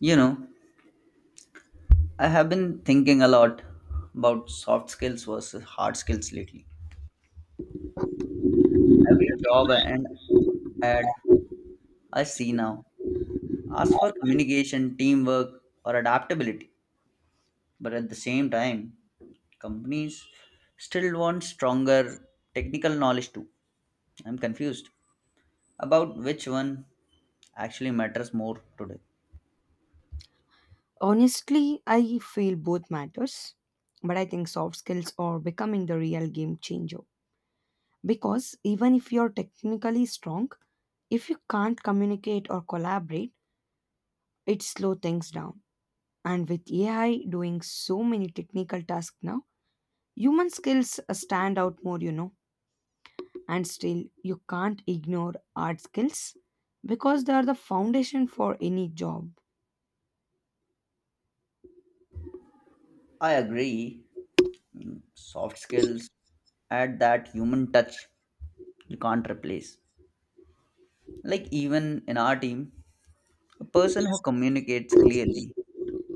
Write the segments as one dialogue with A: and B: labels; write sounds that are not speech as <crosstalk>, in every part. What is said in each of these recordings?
A: You know, I have been thinking a lot about soft skills versus hard skills lately. Every job and ad I see now asks for communication, teamwork, or adaptability. But at the same time, companies still want stronger technical knowledge too. I'm confused about which one actually matters more today.
B: Honestly, I feel both matters, but I think soft skills are becoming the real game changer. Because even if you're technically strong, if you can't communicate or collaborate, it slows things down. And with AI doing so many technical tasks now, human skills stand out more, you know. And still, you can't ignore art skills because they are the foundation for any job.
A: I agree, soft skills add that human touch you can't replace. Like even in our team, a person who communicates clearly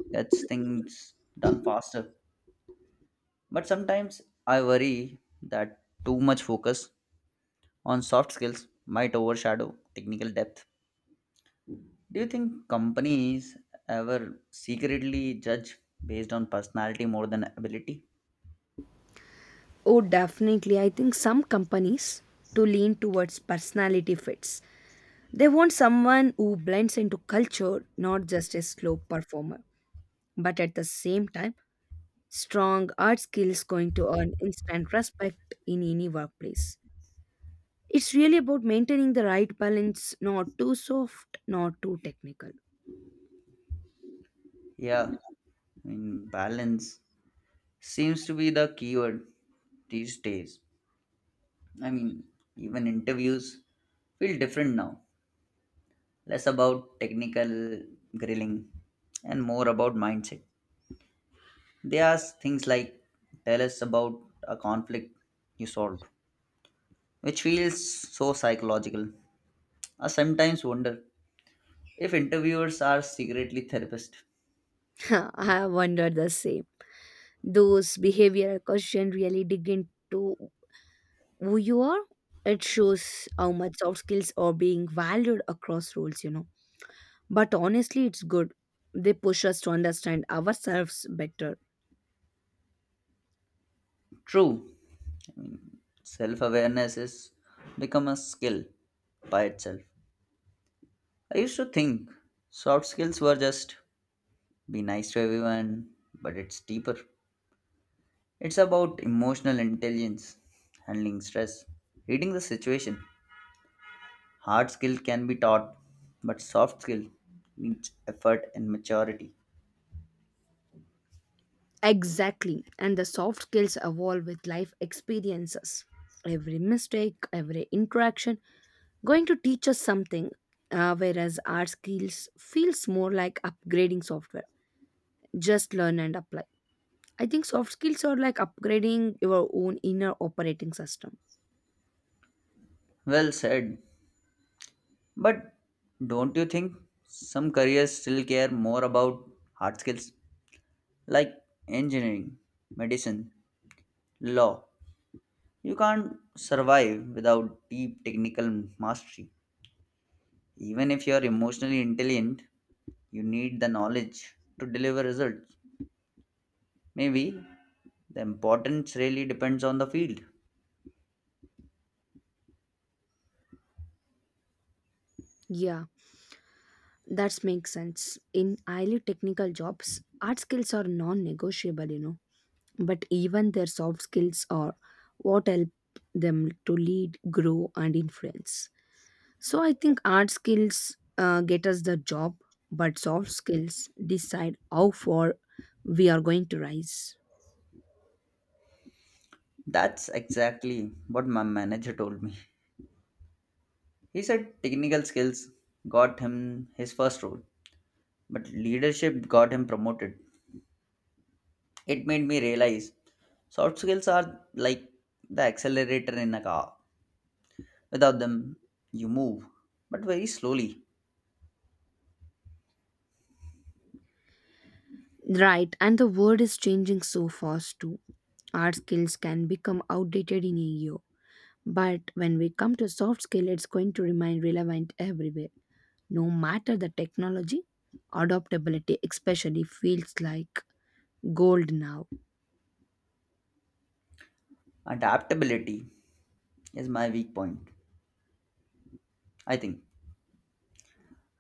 A: gets things done faster. But sometimes I worry that too much focus on soft skills might overshadow technical depth. Do you think companies ever secretly judge based on personality more than ability?
B: Oh, definitely. I think some companies to lean towards personality fits. They want someone who blends into culture, not just a slow performer, but at the same time, strong art skills going to earn instant respect in any workplace. It's really about maintaining the right balance, not too soft, not too technical.
A: Yeah, I mean, balance seems to be the keyword these days. I mean, even interviews feel different now less about technical grilling and more about mindset. They ask things like, tell us about a conflict you solved, which feels so psychological. I sometimes wonder if interviewers are secretly therapists.
B: <laughs> I wonder the same. Those behavioral questions really dig into who you are, it shows how much soft skills are being valued across roles, you know, but honestly it's good, they push us to understand ourselves better.
A: True, self awareness has become a skill by itself. I used to think soft skills were just be nice to everyone, but it's deeper. It's about emotional intelligence, handling stress, reading the situation. Hard skill can be taught, but soft skill needs effort and maturity.
B: Exactly, and the soft skills evolve with life experiences, every mistake, every interaction going to teach us something, whereas our skills feels more like upgrading software, just learn and apply. I think soft skills are like upgrading your own inner operating system.
A: Well said. But don't you think some careers still care more about hard skills like engineering, medicine, law? You can't survive without deep technical mastery. Even if you're emotionally intelligent, you need the knowledge to deliver results. Maybe the importance really depends on the field.
B: Yeah, that makes sense. In highly technical jobs, art skills are non negotiable, you know. But even their soft skills are what help them to lead, grow, and influence. So I think art skills get us the job, but soft skills decide how far we are going to rise.
A: That's exactly what my manager told me. He said technical skills got him his first role, but leadership got him promoted. It made me realize soft skills are like the accelerator in a car. Without them, you move, but very slowly.
B: Right, and the world is changing so fast too. Art skills can become outdated in a year, but when we come to soft skill, it's going to remain relevant everywhere. No matter the technology, adaptability especially feels like gold now.
A: Adaptability is my weak point, I think.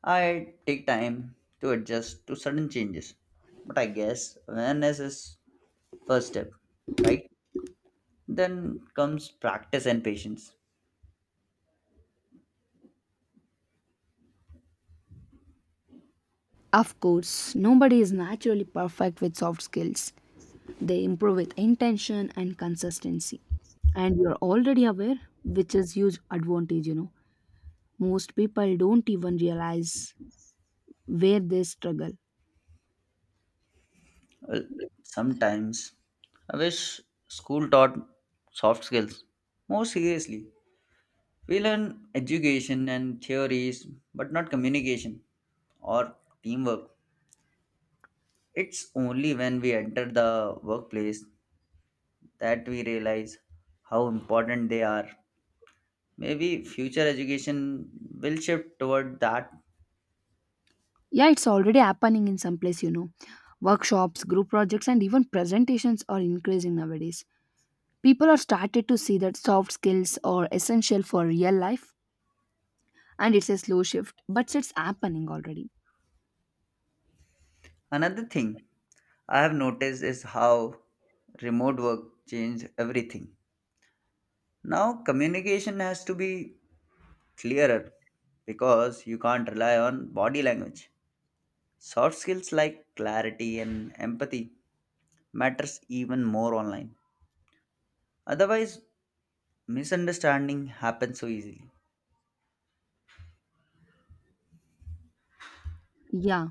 A: I take time to adjust to sudden changes, but I guess awareness is first step, right? Then comes practice and patience.
B: Of course, nobody is naturally perfect with soft skills. They improve with intention and consistency. And you're already aware, which is huge advantage, you know. Most people don't even realize where they struggle.
A: Well, sometimes I wish school taught soft skills more seriously. We learn education and theories, but not communication or teamwork. It's only when we enter the workplace that we realize how important they are. Maybe future education will shift toward that.
B: Yeah, it's already happening in some place, you know. Workshops, group projects, and even presentations are increasing nowadays. People are started to see that soft skills are essential for real life, and it's a slow shift, but it's happening already.
A: Another thing I have noticed is how remote work changed everything. Now, communication has to be clearer because you can't rely on body language. Soft skills like clarity and empathy matters even more online. Otherwise, misunderstanding happens so easily.
B: Yeah,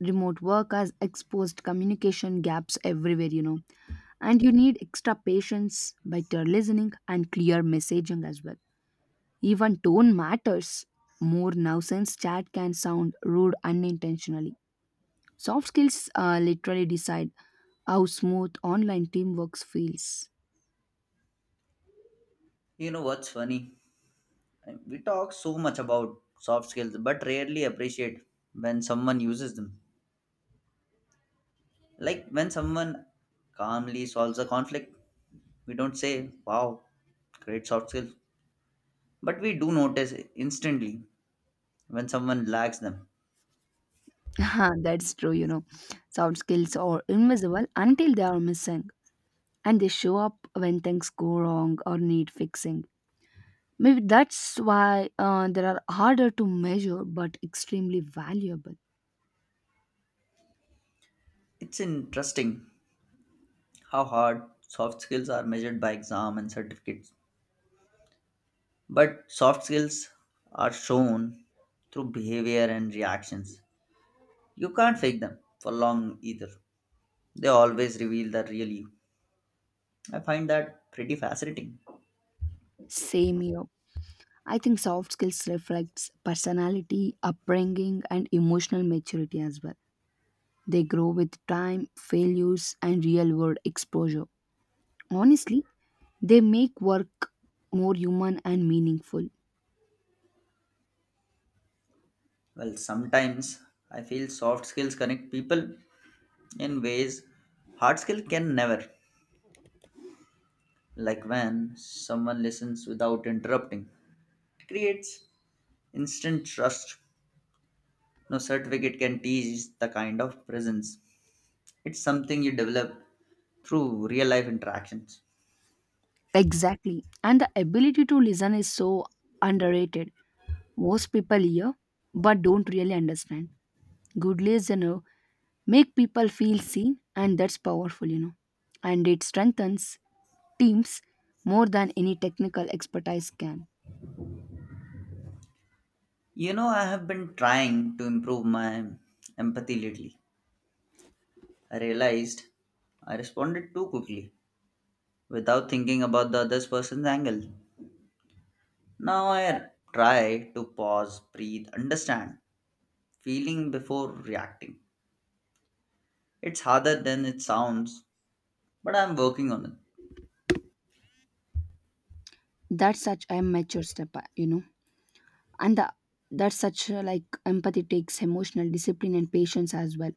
B: remote work has exposed communication gaps everywhere, you know, and you need extra patience, better listening, and clear messaging as well. Even tone matters more now since chat can sound rude unintentionally. Soft skills literally decide how smooth online teamwork feels.
A: You know what's funny? We talk so much about soft skills, but rarely appreciate when someone uses them. Like when someone calmly solves a conflict, we don't say, wow, great soft skills. But we do notice instantly when someone lacks them.
B: Huh, that's true, you know. Soft skills are invisible until they are missing, and they show up when things go wrong or need fixing. Maybe that's why they are harder to measure but extremely valuable.
A: It's interesting how hard soft skills are measured by exam and certificates. But soft skills are shown through behavior and reactions. You can't fake them for long either. They always reveal the real you. I find that pretty fascinating.
B: Same here. I think soft skills reflects personality, upbringing, and emotional maturity as well. They grow with time, failures, and real-world exposure. Honestly, they make work more human and meaningful.
A: Well, sometimes I feel soft skills connect people in ways hard skill can never. Like when someone listens without interrupting, it creates instant trust. No certificate can teach the kind of presence. It's something you develop through real life interactions.
B: Exactly. And the ability to listen is so underrated. Most people hear but don't really understand. Good listener make people feel seen, and that's powerful, you know. And it strengthens teams more than any technical expertise can.
A: You know, I have been trying to improve my empathy lately. I realized I responded too quickly without thinking about the other person's angle. Now I try to pause, breathe, understand, feeling before reacting. It's harder than it sounds, but I'm working on it.
B: That's such a mature step, you know. And the, that's such like empathy takes emotional discipline and patience as well.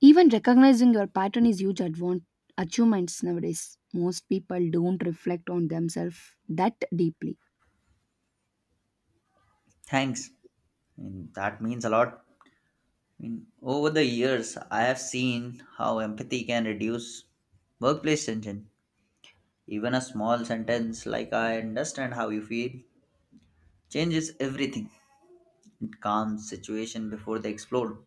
B: Even recognizing your pattern is huge achievements nowadays. Most people don't reflect on themselves that deeply.
A: Thanks. I mean, that means a lot. I mean, over the years, I have seen how empathy can reduce workplace tension. Even a small sentence like "I understand how you feel" changes everything. It calms situation before they explode.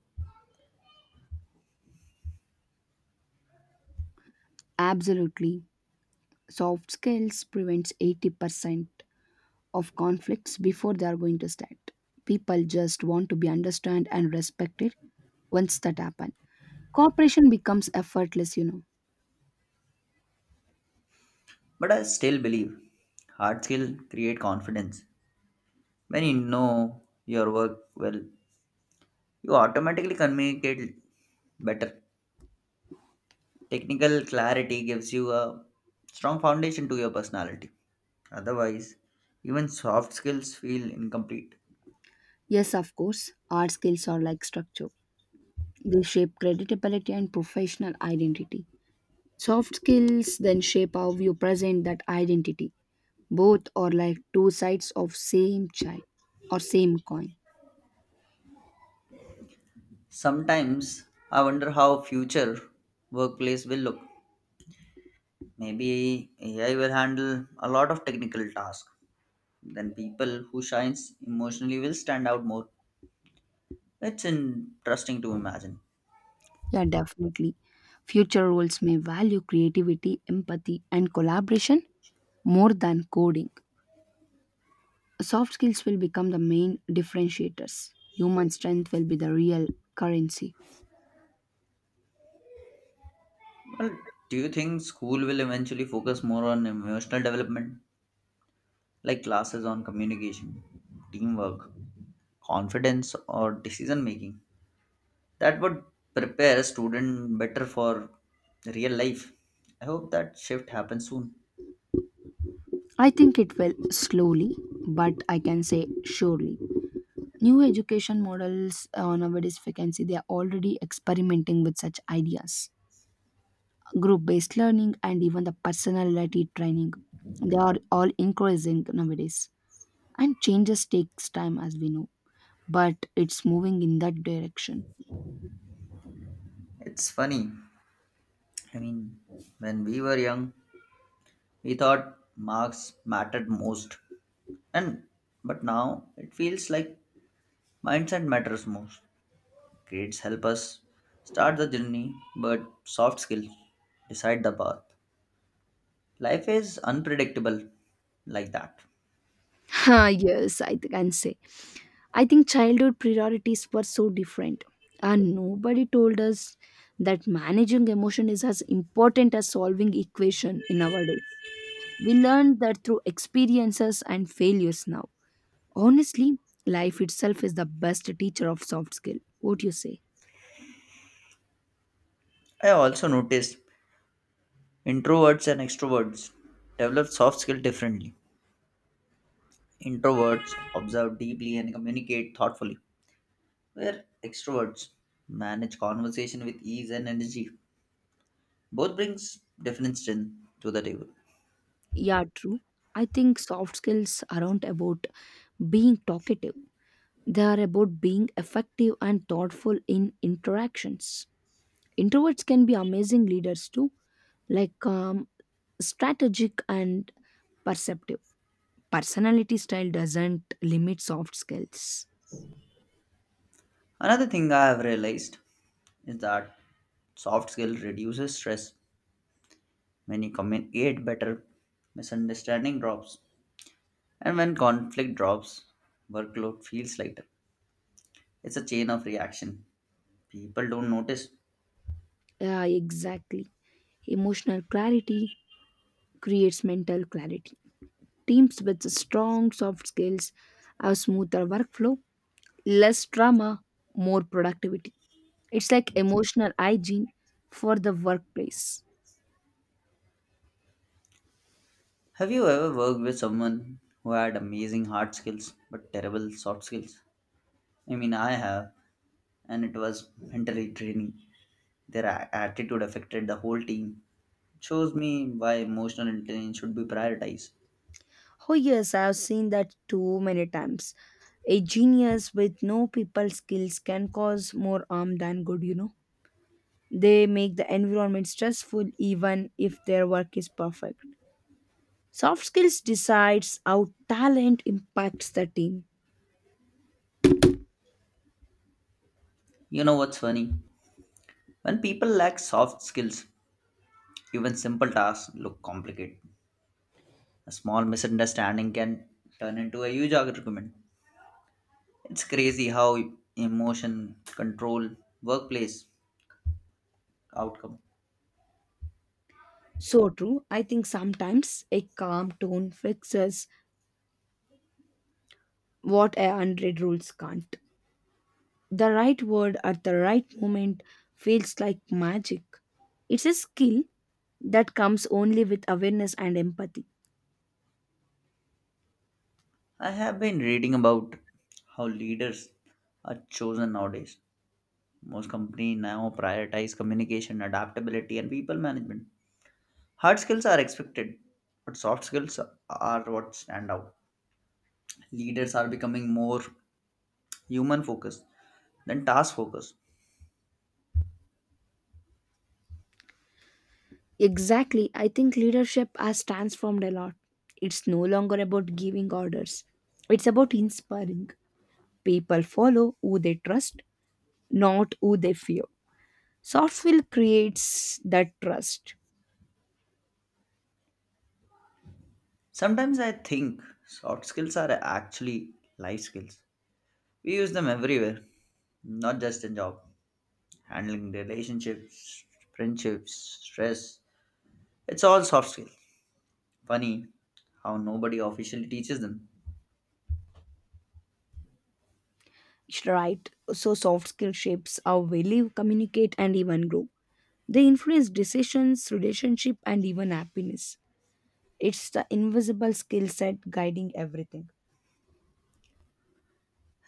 B: Absolutely. Soft skills prevents 80% of conflicts before they are going to start. People just want to be understood and respected once that happen. Cooperation becomes effortless, you know.
A: But I still believe hard skill create confidence. When you know your work well, you automatically communicate better. Technical clarity gives you a strong foundation to your personality. Otherwise, even soft skills feel incomplete.
B: Yes, of course, hard skills are like structure. They shape credibility and professional identity. Soft skills then shape how you present that identity. Both are like two sides of same chain or same coin.
A: Sometimes I wonder how future workplace will look. Maybe AI will handle a lot of technical tasks. Then people who shines emotionally will stand out more. It's interesting to imagine.
B: Yeah, definitely. Future roles may value creativity, empathy, and collaboration more than coding. Soft skills will become the main differentiators. Human strength will be the real currency.
A: Well, do you think school will eventually focus more on emotional development, like classes on communication, teamwork, confidence, or decision making? That would prepare a student better for real life. I hope that shift happens soon.
B: I think it will slowly, but I can say surely. New education models nowadays, if you can see, they are already experimenting with such ideas. Group based learning and even the personality training, they are all increasing nowadays, and changes takes time as we know, but it's moving in that direction.
A: It's funny. I mean, when we were young, we thought marks mattered most, and but now it feels like mindset matters most. Grades help us start the journey, but soft skills decide the path. Life is unpredictable like that.
B: Ah, yes, can say. I think childhood priorities were so different. And nobody told us that managing emotion is as important as solving equation in our days. We learned that through experiences and failures now. Honestly, life itself is the best teacher of soft skill. What do you say?
A: I also noticed introverts and extroverts develop soft skills differently. Introverts observe deeply and communicate thoughtfully, where extroverts manage conversation with ease and energy. Both brings different strength to the table.
B: Yeah, true. I think soft skills aren't about being talkative. They are about being effective and thoughtful in interactions. Introverts can be amazing leaders too, like strategic and perceptive. Personality style doesn't limit soft skills.
A: Another thing I have realized is that soft skill reduces stress. When you communicate better, misunderstanding drops, and when conflict drops, workload feels lighter. It's a chain of reaction. People don't notice.
B: Yeah, exactly. Emotional clarity creates mental clarity. Teams with strong soft skills have smoother workflow, less drama, more productivity. It's like emotional hygiene for the workplace.
A: Have you ever worked with someone who had amazing hard skills but terrible soft skills? I mean, I have, and it was mentally draining. Their attitude affected the whole team. Shows me why emotional intelligence should be prioritized.
B: Oh, yes, I have seen that too many times. A genius with no people skills can cause more harm than good, you know. They make the environment stressful even if their work is perfect. Soft skills decides how talent impacts the team.
A: You know what's funny? When people lack soft skills, even simple tasks look complicated. A small misunderstanding can turn into a huge argument. It's crazy how emotion control workplace outcome.
B: So true. I think sometimes a calm tone fixes what a hundred rules can't. The right word at the right moment feels like magic. It's a skill that comes only with awareness and empathy.
A: I have been reading about how leaders are chosen nowadays. Most companies now prioritize communication, adaptability, and people management. Hard skills are expected, but soft skills are what stand out. Leaders are becoming more human focused than task focused.
B: Exactly, I think leadership has transformed a lot. It's no longer about giving orders, it's about inspiring. People follow who they trust, not who they fear. Soft skill creates that trust.
A: Sometimes I think soft skills are actually life skills. We use them everywhere, not just in job. Handling relationships, friendships, stress. It's all soft skills. Funny how nobody officially teaches them.
B: Right, so soft skill shapes how we live, communicate, and even grow. They influence decisions, relationship, and even happiness. It's the invisible skill set guiding everything.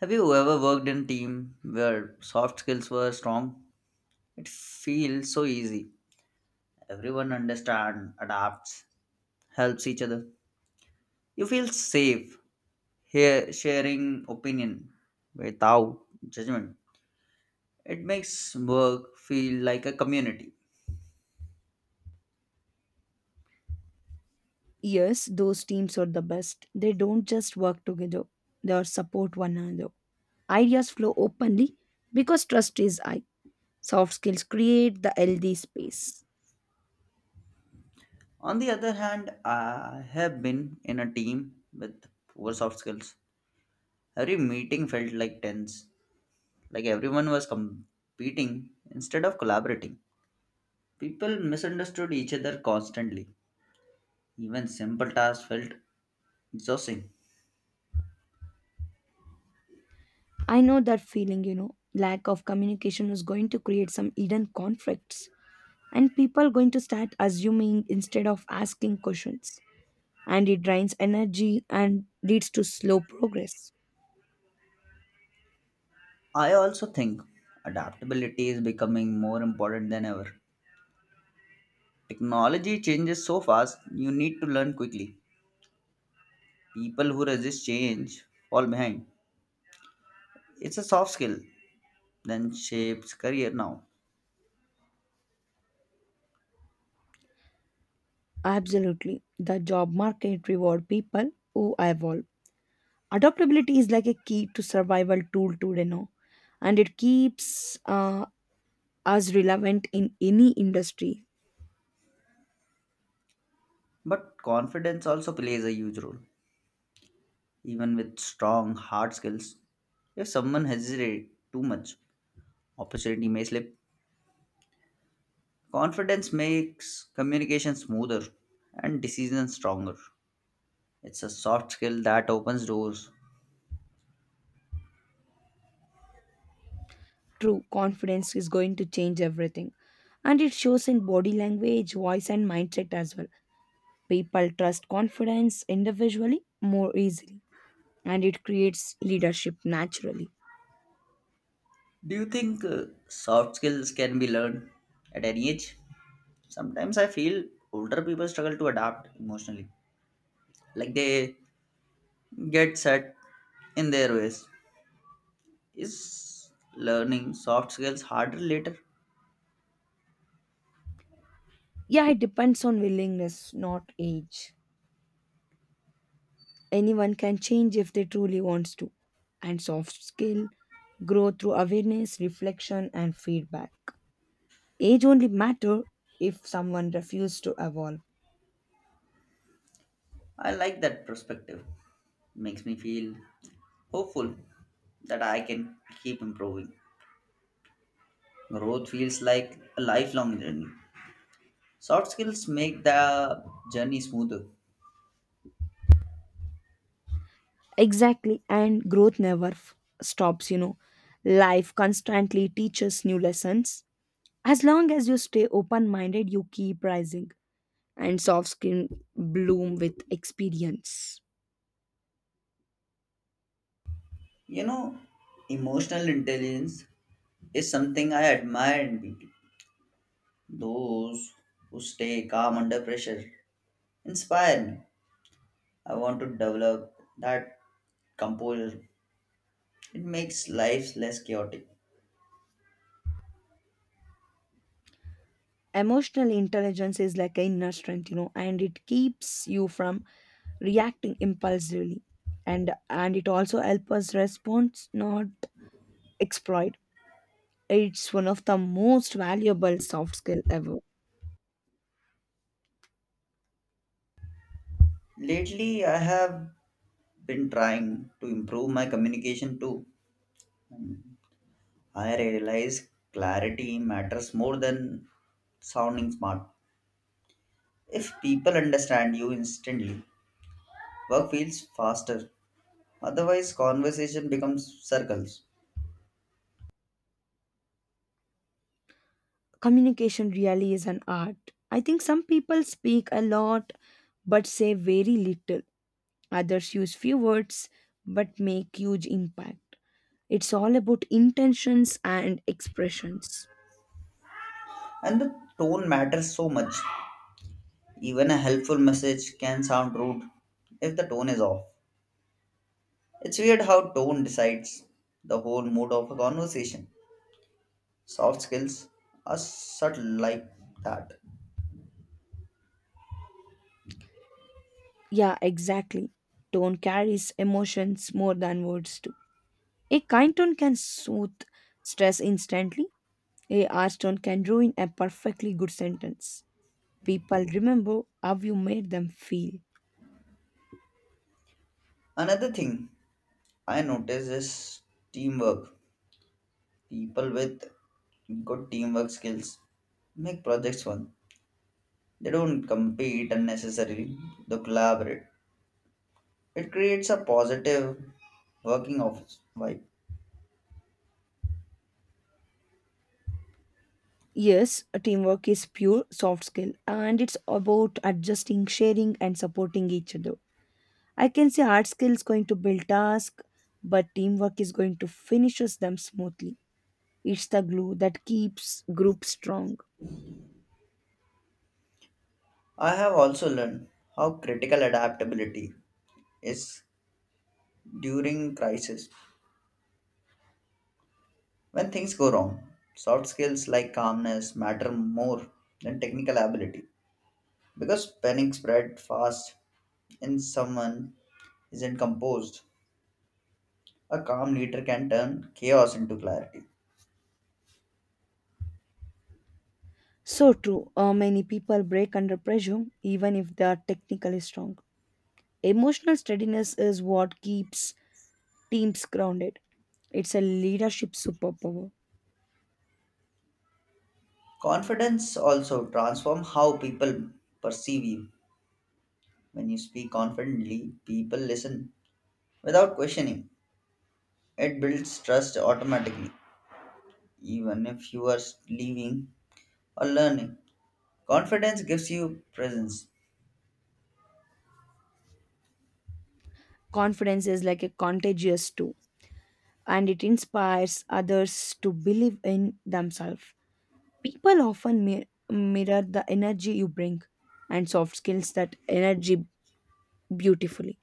A: Have you ever worked in a team where soft skills were strong? It feels so easy. Everyone understands, adapts, helps each other. You feel safe here sharing opinion without judgment. It makes work feel like a community.
B: Yes, those teams are the best. They don't just work together, they are support one another. Ideas flow openly because trust is high. Soft skills create the healthy space.
A: On the other hand, I have been in a team with poor soft skills. Every meeting felt like tense, like everyone was competing instead of collaborating. People misunderstood each other constantly. Even simple tasks felt exhausting.
B: I know that feeling, you know, lack of communication is going to create some hidden conflicts, and people are going to start assuming instead of asking questions, and it drains energy and leads to slow progress.
A: I also think adaptability is becoming more important than ever. Technology changes so fast, you need to learn quickly. People who resist change fall behind. It's a soft skill that shapes career now.
B: Absolutely. The job market reward people who evolve. Adaptability is like a key to survival tool today now, and it keeps us relevant in any industry.
A: But confidence also plays a huge role. Even with strong hard skills, if someone hesitates too much, opportunity may slip. Confidence makes communication smoother and decisions stronger. It's a soft skill that opens doors.
B: True confidence is going to change everything, and it shows in body language, voice, and mindset as well. People trust confidence individually more easily, and it creates leadership naturally.
A: Do you think soft skills can be learned at any age? Sometimes I feel older people struggle to adapt emotionally, like they get set in their ways. Is learning soft skills harder later?
B: Yeah, it depends on willingness, not age. Anyone can change if they truly wants to. And soft skill grow through awareness, reflection and feedback. Age only matter if someone refuses to evolve.
A: I like that perspective. Makes me feel hopeful that I can keep improving. Growth feels like a lifelong journey. Soft skills make the journey smoother.
B: Exactly, and growth never stops, you know. Life constantly teaches new lessons. As long as you stay open minded, you keep rising, and soft skin bloom with experience.
A: You know, emotional intelligence is something I admire in people. Those who stay calm under pressure inspire me. I want to develop that composure. It makes life less chaotic.
B: Emotional intelligence is like an inner strength, you know, and it keeps you from reacting impulsively, and it also helps us respond not exploit. It's one of the most valuable soft skill ever.
A: Lately, I have been trying to improve my communication too. I realize clarity matters more than sounding smart. If people understand you instantly, work feels faster. Otherwise, conversation becomes circles.
B: Communication really is an art. I think some people speak a lot but say very little, others use few words but make huge impact. It's all about intentions and expressions.
A: And the tone matters so much. Even a helpful message can sound rude if the tone is off. It's weird how tone decides the whole mood of a conversation. Soft skills are subtle like that.
B: Yeah, exactly, tone carries emotions more than words do. A kind tone can soothe stress instantly. A harsh tone can ruin a perfectly good sentence. People remember how you made them feel.
A: Another thing I notice is teamwork. People with good teamwork skills make projects fun. They don't compete unnecessarily, they collaborate. It creates a positive working office vibe.
B: Yes, teamwork is pure soft skill, and it's about adjusting, sharing, and supporting each other. I can say hard skills going to build task, but teamwork is going to finishes them smoothly. It's the glue that keeps group strong.
A: I have also learned how critical adaptability is during crisis. When things go wrong, soft skills like calmness matter more than technical ability. Because panic spread fast and someone isn't composed, a calm leader can turn chaos into clarity.
B: So true. Many people break under pressure even if they are technically strong. Emotional steadiness is what keeps teams grounded. It's a leadership superpower.
A: Confidence also transforms how people perceive you. When you speak confidently, people listen without questioning. It builds trust automatically, even if you are leaving or learning. Confidence gives you presence.
B: Confidence is like a contagious too, and it inspires others to believe in themselves. People often mirror the energy you bring, and soft skills that energy beautifully.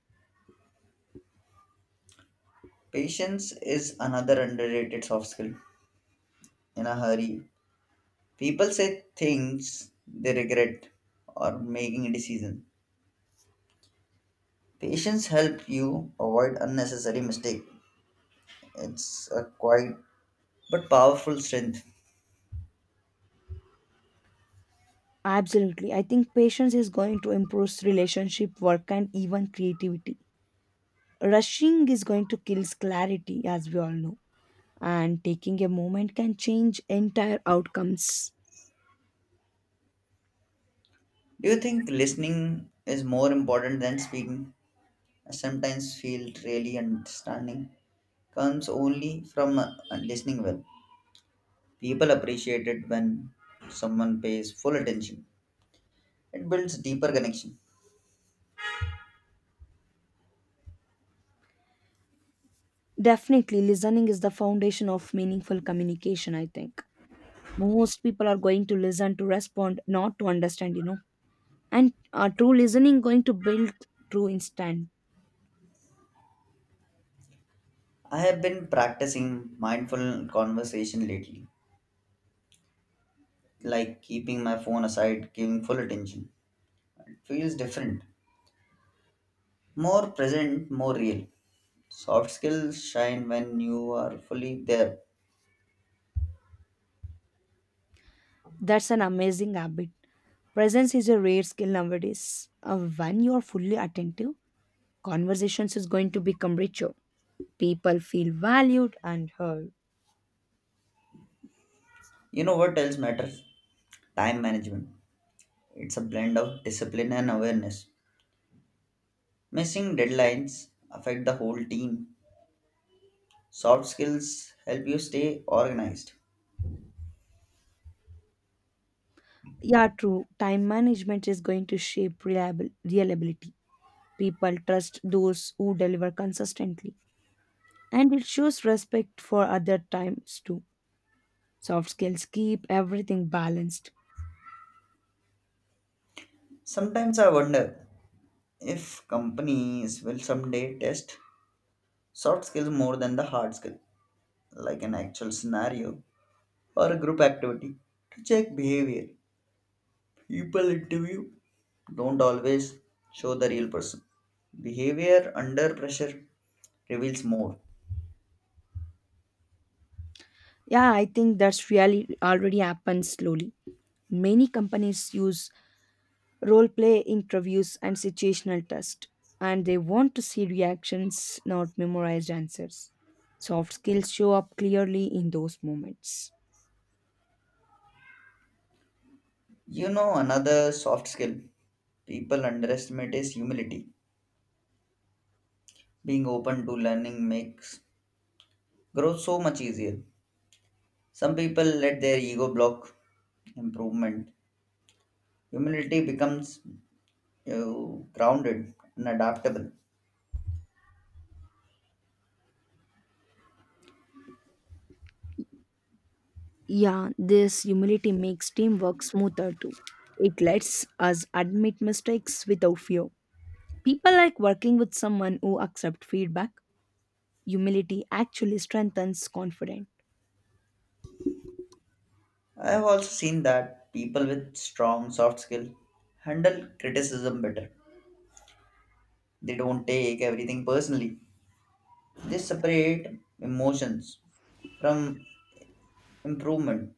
A: Patience is another underrated soft skill. In a hurry, people say things they regret or making a decision. Patience help you avoid unnecessary mistake. It's a quiet but powerful strength.
B: Absolutely. I think patience is going to improve relationship, work, and even creativity. Rushing is going to kill clarity, as we all know, and taking a moment can change entire outcomes.
A: Do you think listening is more important than speaking? I sometimes feel really understanding comes only from listening well. People appreciate it when someone pays full attention. It builds deeper connection.
B: Definitely, listening is the foundation of meaningful communication, I think. Most people are going to listen to respond, not to understand, you know. And true listening going to build true instant.
A: I have been practicing mindful conversation lately like keeping my phone aside, giving full attention. It feels different, more present, more real. Soft skills shine when you are fully there.
B: That's an amazing habit. Presence is a rare skill nowadays. When you are fully attentive, conversations is going to become richer. People feel valued and heard.
A: You know what else matters? Time management. It's a blend of discipline and awareness. Missing deadlines affect the whole team. Soft skills help you stay organized.
B: Yeah, true. Time management is going to shape reliable reliability. People trust those who deliver consistently, and it shows respect for other times too. Soft skills keep everything balanced.
A: Sometimes I wonder if companies will someday test soft skills more than the hard skill, like an actual scenario or a group activity to check behavior. People interview don't always show the real person. Behavior under pressure reveals more.
B: Yeah, I think that's really already happened slowly. Many companies use role play interviews and situational test, and they want to see reactions, not memorized answers. Soft skills show up clearly in those moments.
A: You know, another soft skill people underestimate is humility. Being open to learning makes growth so much easier. Some people let their ego block improvement. Humility becomes uh, grounded and adaptable.
B: Yeah, this humility makes teamwork smoother too. It lets us admit mistakes without fear. People like working with someone who accepts feedback. Humility actually strengthens confidence.
A: I have also seen that people with strong soft skill handle criticism better. They don't take everything personally. They separate emotions from improvement.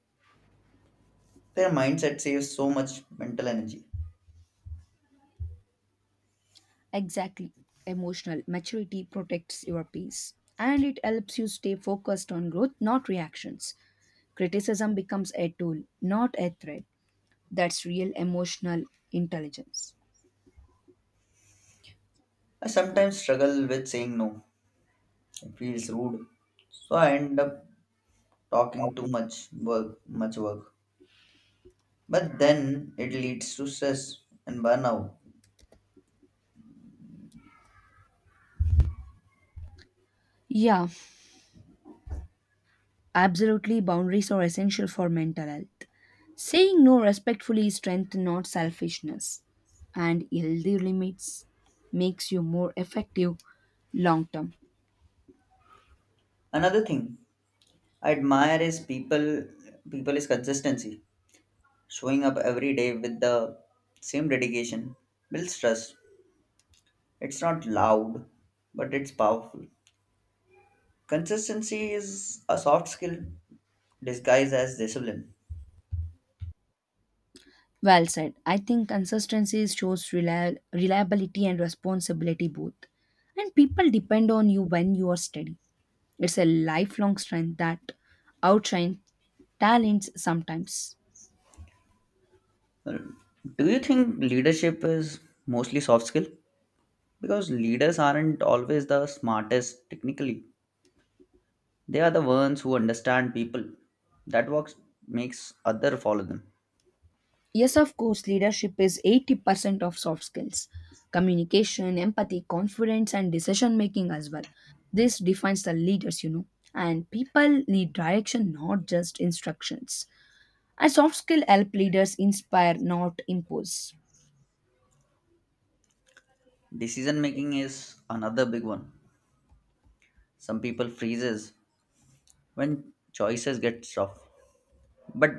A: Their mindset saves so much mental energy.
B: Exactly. Emotional maturity protects your peace and it helps you stay focused on growth, not reactions. Criticism becomes a tool, not a threat. That's real emotional intelligence.
A: I sometimes struggle with saying no. It feels rude. So I end up talking too much work, much work. But then it leads to stress and burnout.
B: Yeah, absolutely, boundaries are essential for mental health. Saying no respectfully is strength, not selfishness. And healthy limits makes you more effective long term.
A: Another thing I admire is people is consistency. Showing up every day with the same dedication builds trust. It's not loud, but it's powerful. Consistency is a soft skill disguised as discipline.
B: Well said. I think consistency shows reliability and responsibility both. And people depend on you when you are steady. It's a lifelong strength that outshines talents sometimes.
A: Do you think leadership is mostly soft skill? Because leaders aren't always the smartest technically. They are the ones who understand people. That works makes other follow them.
B: Yes, of course, leadership is 80% of soft skills, communication, empathy, confidence, and decision making as well. This defines the leaders, And people need direction, not just instructions. And soft skill help leaders inspire, not impose.
A: Decision making is another big one. Some people freezes when choices get tough. But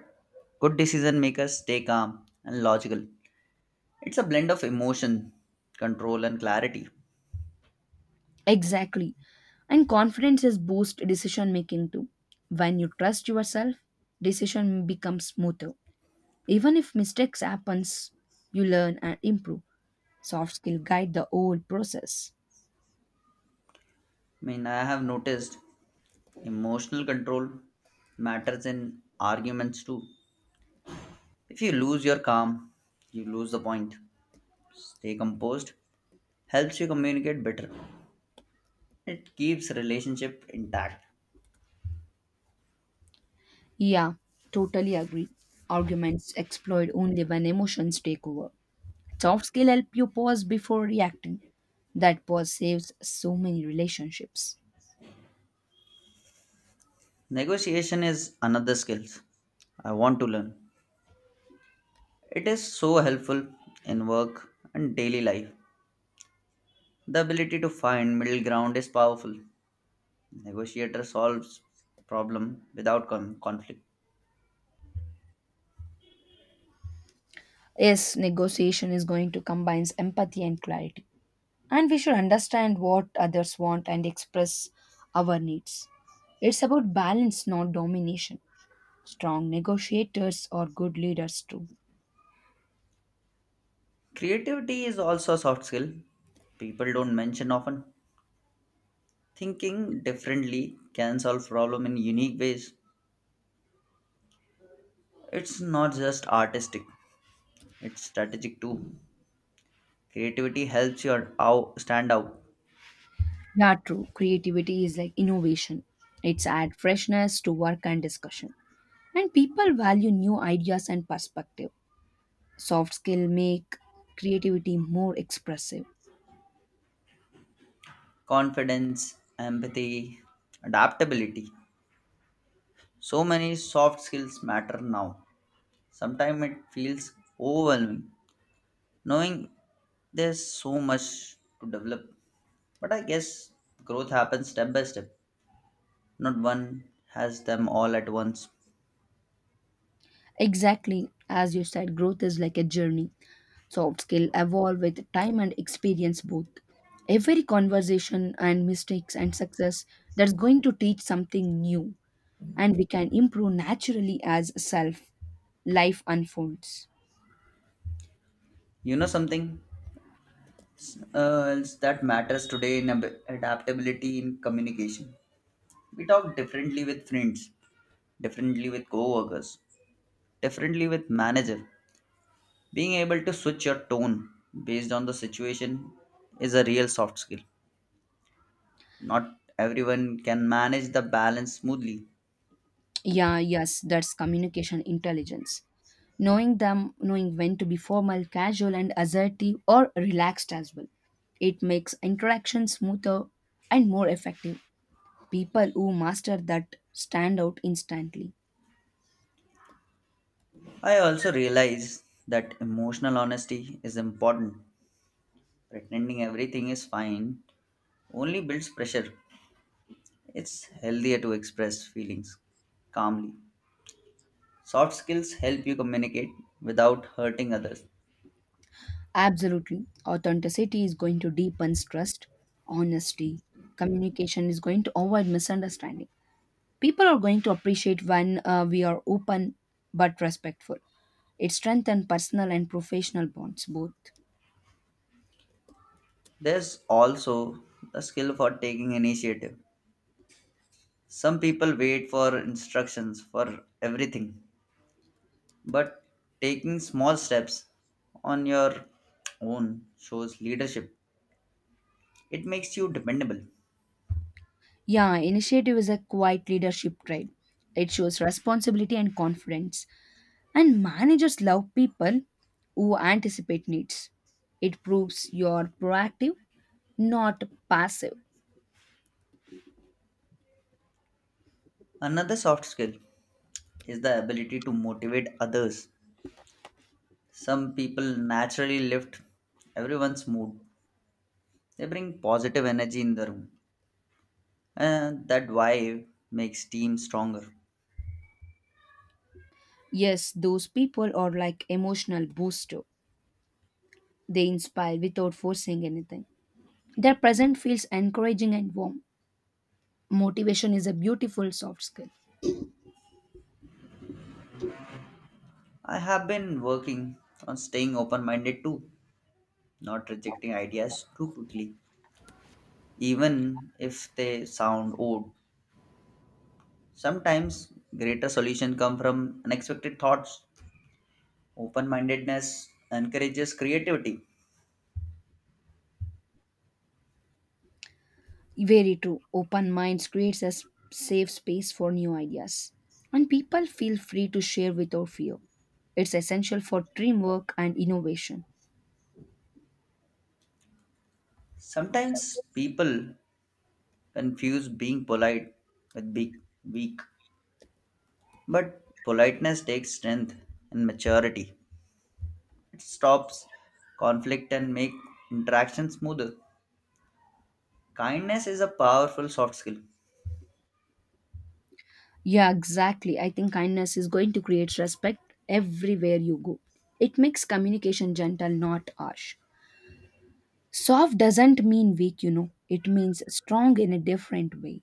A: good decision makers stay calm and logical. It's a blend of emotion, control, and clarity.
B: Exactly. And confidence is boost decision making too. When you trust yourself, decision becomes smoother. Even if mistakes happens, you learn and improve. Soft skill guide the whole process.
A: I mean, I have noticed emotional control matters in arguments too. If you lose your calm, you lose the point. Stay composed helps you communicate better. It keeps relationship intact.
B: Yeah, totally agree. Arguments explode only when emotions take over. Soft skill help you pause before reacting. That pause saves so many relationships.
A: Negotiation is another skill I want to learn. It is so helpful in work and daily life. The ability to find middle ground is powerful. Negotiator solves problem without conflict.
B: Yes, negotiation is going to combine empathy and clarity. And we should understand what others want and express our needs. It's about balance, not domination. Strong negotiators are good leaders too.
A: Creativity is also a soft skill people don't mention often. Thinking differently can solve problem in unique ways. It's not just artistic, it's strategic too. Creativity helps you out, stand out.
B: Yeah, true. Creativity is like innovation. It's add freshness to work and discussion. And people value new ideas and perspective. Soft skill make creativity more expressive.
A: Confidence, empathy, adaptability. So many soft skills matter now. Sometimes it feels overwhelming, knowing there's so much to develop, but I guess growth happens step by step. Not one has them all at once.
B: Exactly. As you said, growth is like a journey. Soft skill evolve with time and experience both. Every conversation and mistakes and success, that's going to teach something new. And we can improve naturally as self life unfolds.
A: You know something else that matters today in adaptability in communication. We talk differently with friends, differently with co-workers, differently with manager. Being able to switch your tone based on the situation is a real soft skill. Not everyone can manage the balance smoothly.
B: Yeah, yes, that's communication intelligence. Knowing them, knowing when to be formal, casual, and assertive, or relaxed as well. It makes interaction smoother and more effective. People who master that stand out instantly.
A: I also realize that emotional honesty is important. Pretending everything is fine only builds pressure. It's healthier to express feelings calmly. Soft skills help you communicate without hurting others.
B: Absolutely. Authenticity is going to deepen trust, honesty, communication is going to avoid misunderstanding. People are going to appreciate when we are open but respectful. It strengthens personal and professional bonds both.
A: There's also the skill for taking initiative. Some people wait for instructions for everything, but taking small steps on your own shows leadership. It makes you dependable.
B: Yeah, initiative is a quiet leadership trait. It shows responsibility and confidence. And managers love people who anticipate needs. It proves you're proactive, not passive.
A: Another soft skill is the ability to motivate others. Some people naturally lift everyone's mood. They bring positive energy in the room, and that vibe makes teams stronger.
B: Yes, those people are like emotional booster. They inspire without forcing anything. Their present feels encouraging and warm. Motivation is a beautiful soft skill.
A: I have been working on staying open-minded too, not rejecting ideas too quickly, even if they sound odd. Sometimes greater solutions come from unexpected thoughts. Open-mindedness encourages creativity.
B: Very true. Open minds creates a safe space for new ideas. And people feel free to share without fear. It's essential for teamwork and innovation.
A: Sometimes people confuse being polite with being weak. But politeness takes strength and maturity. It stops conflict and make interaction smoother. Kindness is a powerful soft skill.
B: Yeah, exactly. I think kindness is going to create respect everywhere you go. It makes communication gentle, not harsh. Soft doesn't mean weak, you know. It means strong in a different way.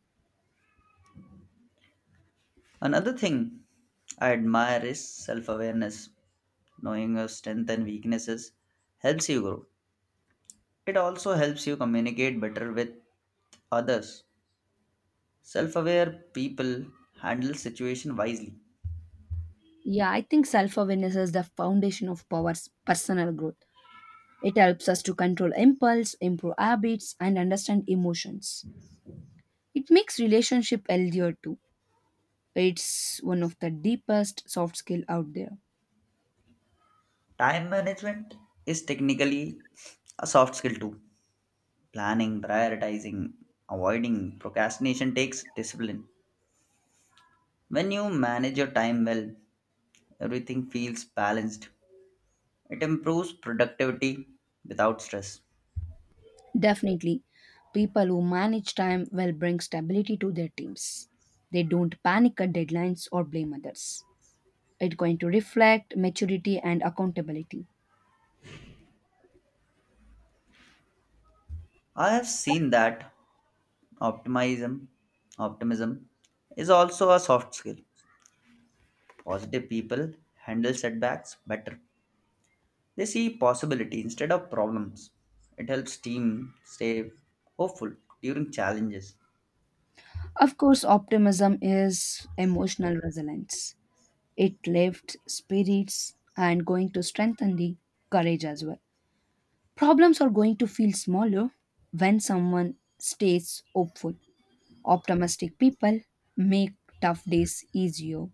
A: Another thing I admire is self-awareness. Knowing your strength and weaknesses helps you grow. It also helps you communicate better with others. Self-aware people handle situation wisely.
B: Yeah, I think self awareness is the foundation of power's personal growth. It helps us to control impulse, improve habits, and understand emotions. It makes relationship healthier too. It's one of the deepest soft skill out there.
A: Time management is technically a soft skill too. Planning, prioritizing, avoiding procrastination takes discipline. When you manage your time well, everything feels balanced. It improves productivity without stress.
B: Definitely, people who manage time will bring stability to their teams. They don't panic at deadlines or blame others. It's going to reflect maturity and accountability.
A: I have seen that optimism optimism is also a soft skill. Positive people handle setbacks better. They see possibility instead of problems. It helps team stay hopeful during challenges.
B: Of course, optimism is emotional resilience. It lifts spirits and going to strengthen the courage as well. Problems are going to feel smaller when someone stays hopeful. Optimistic people make tough days easier.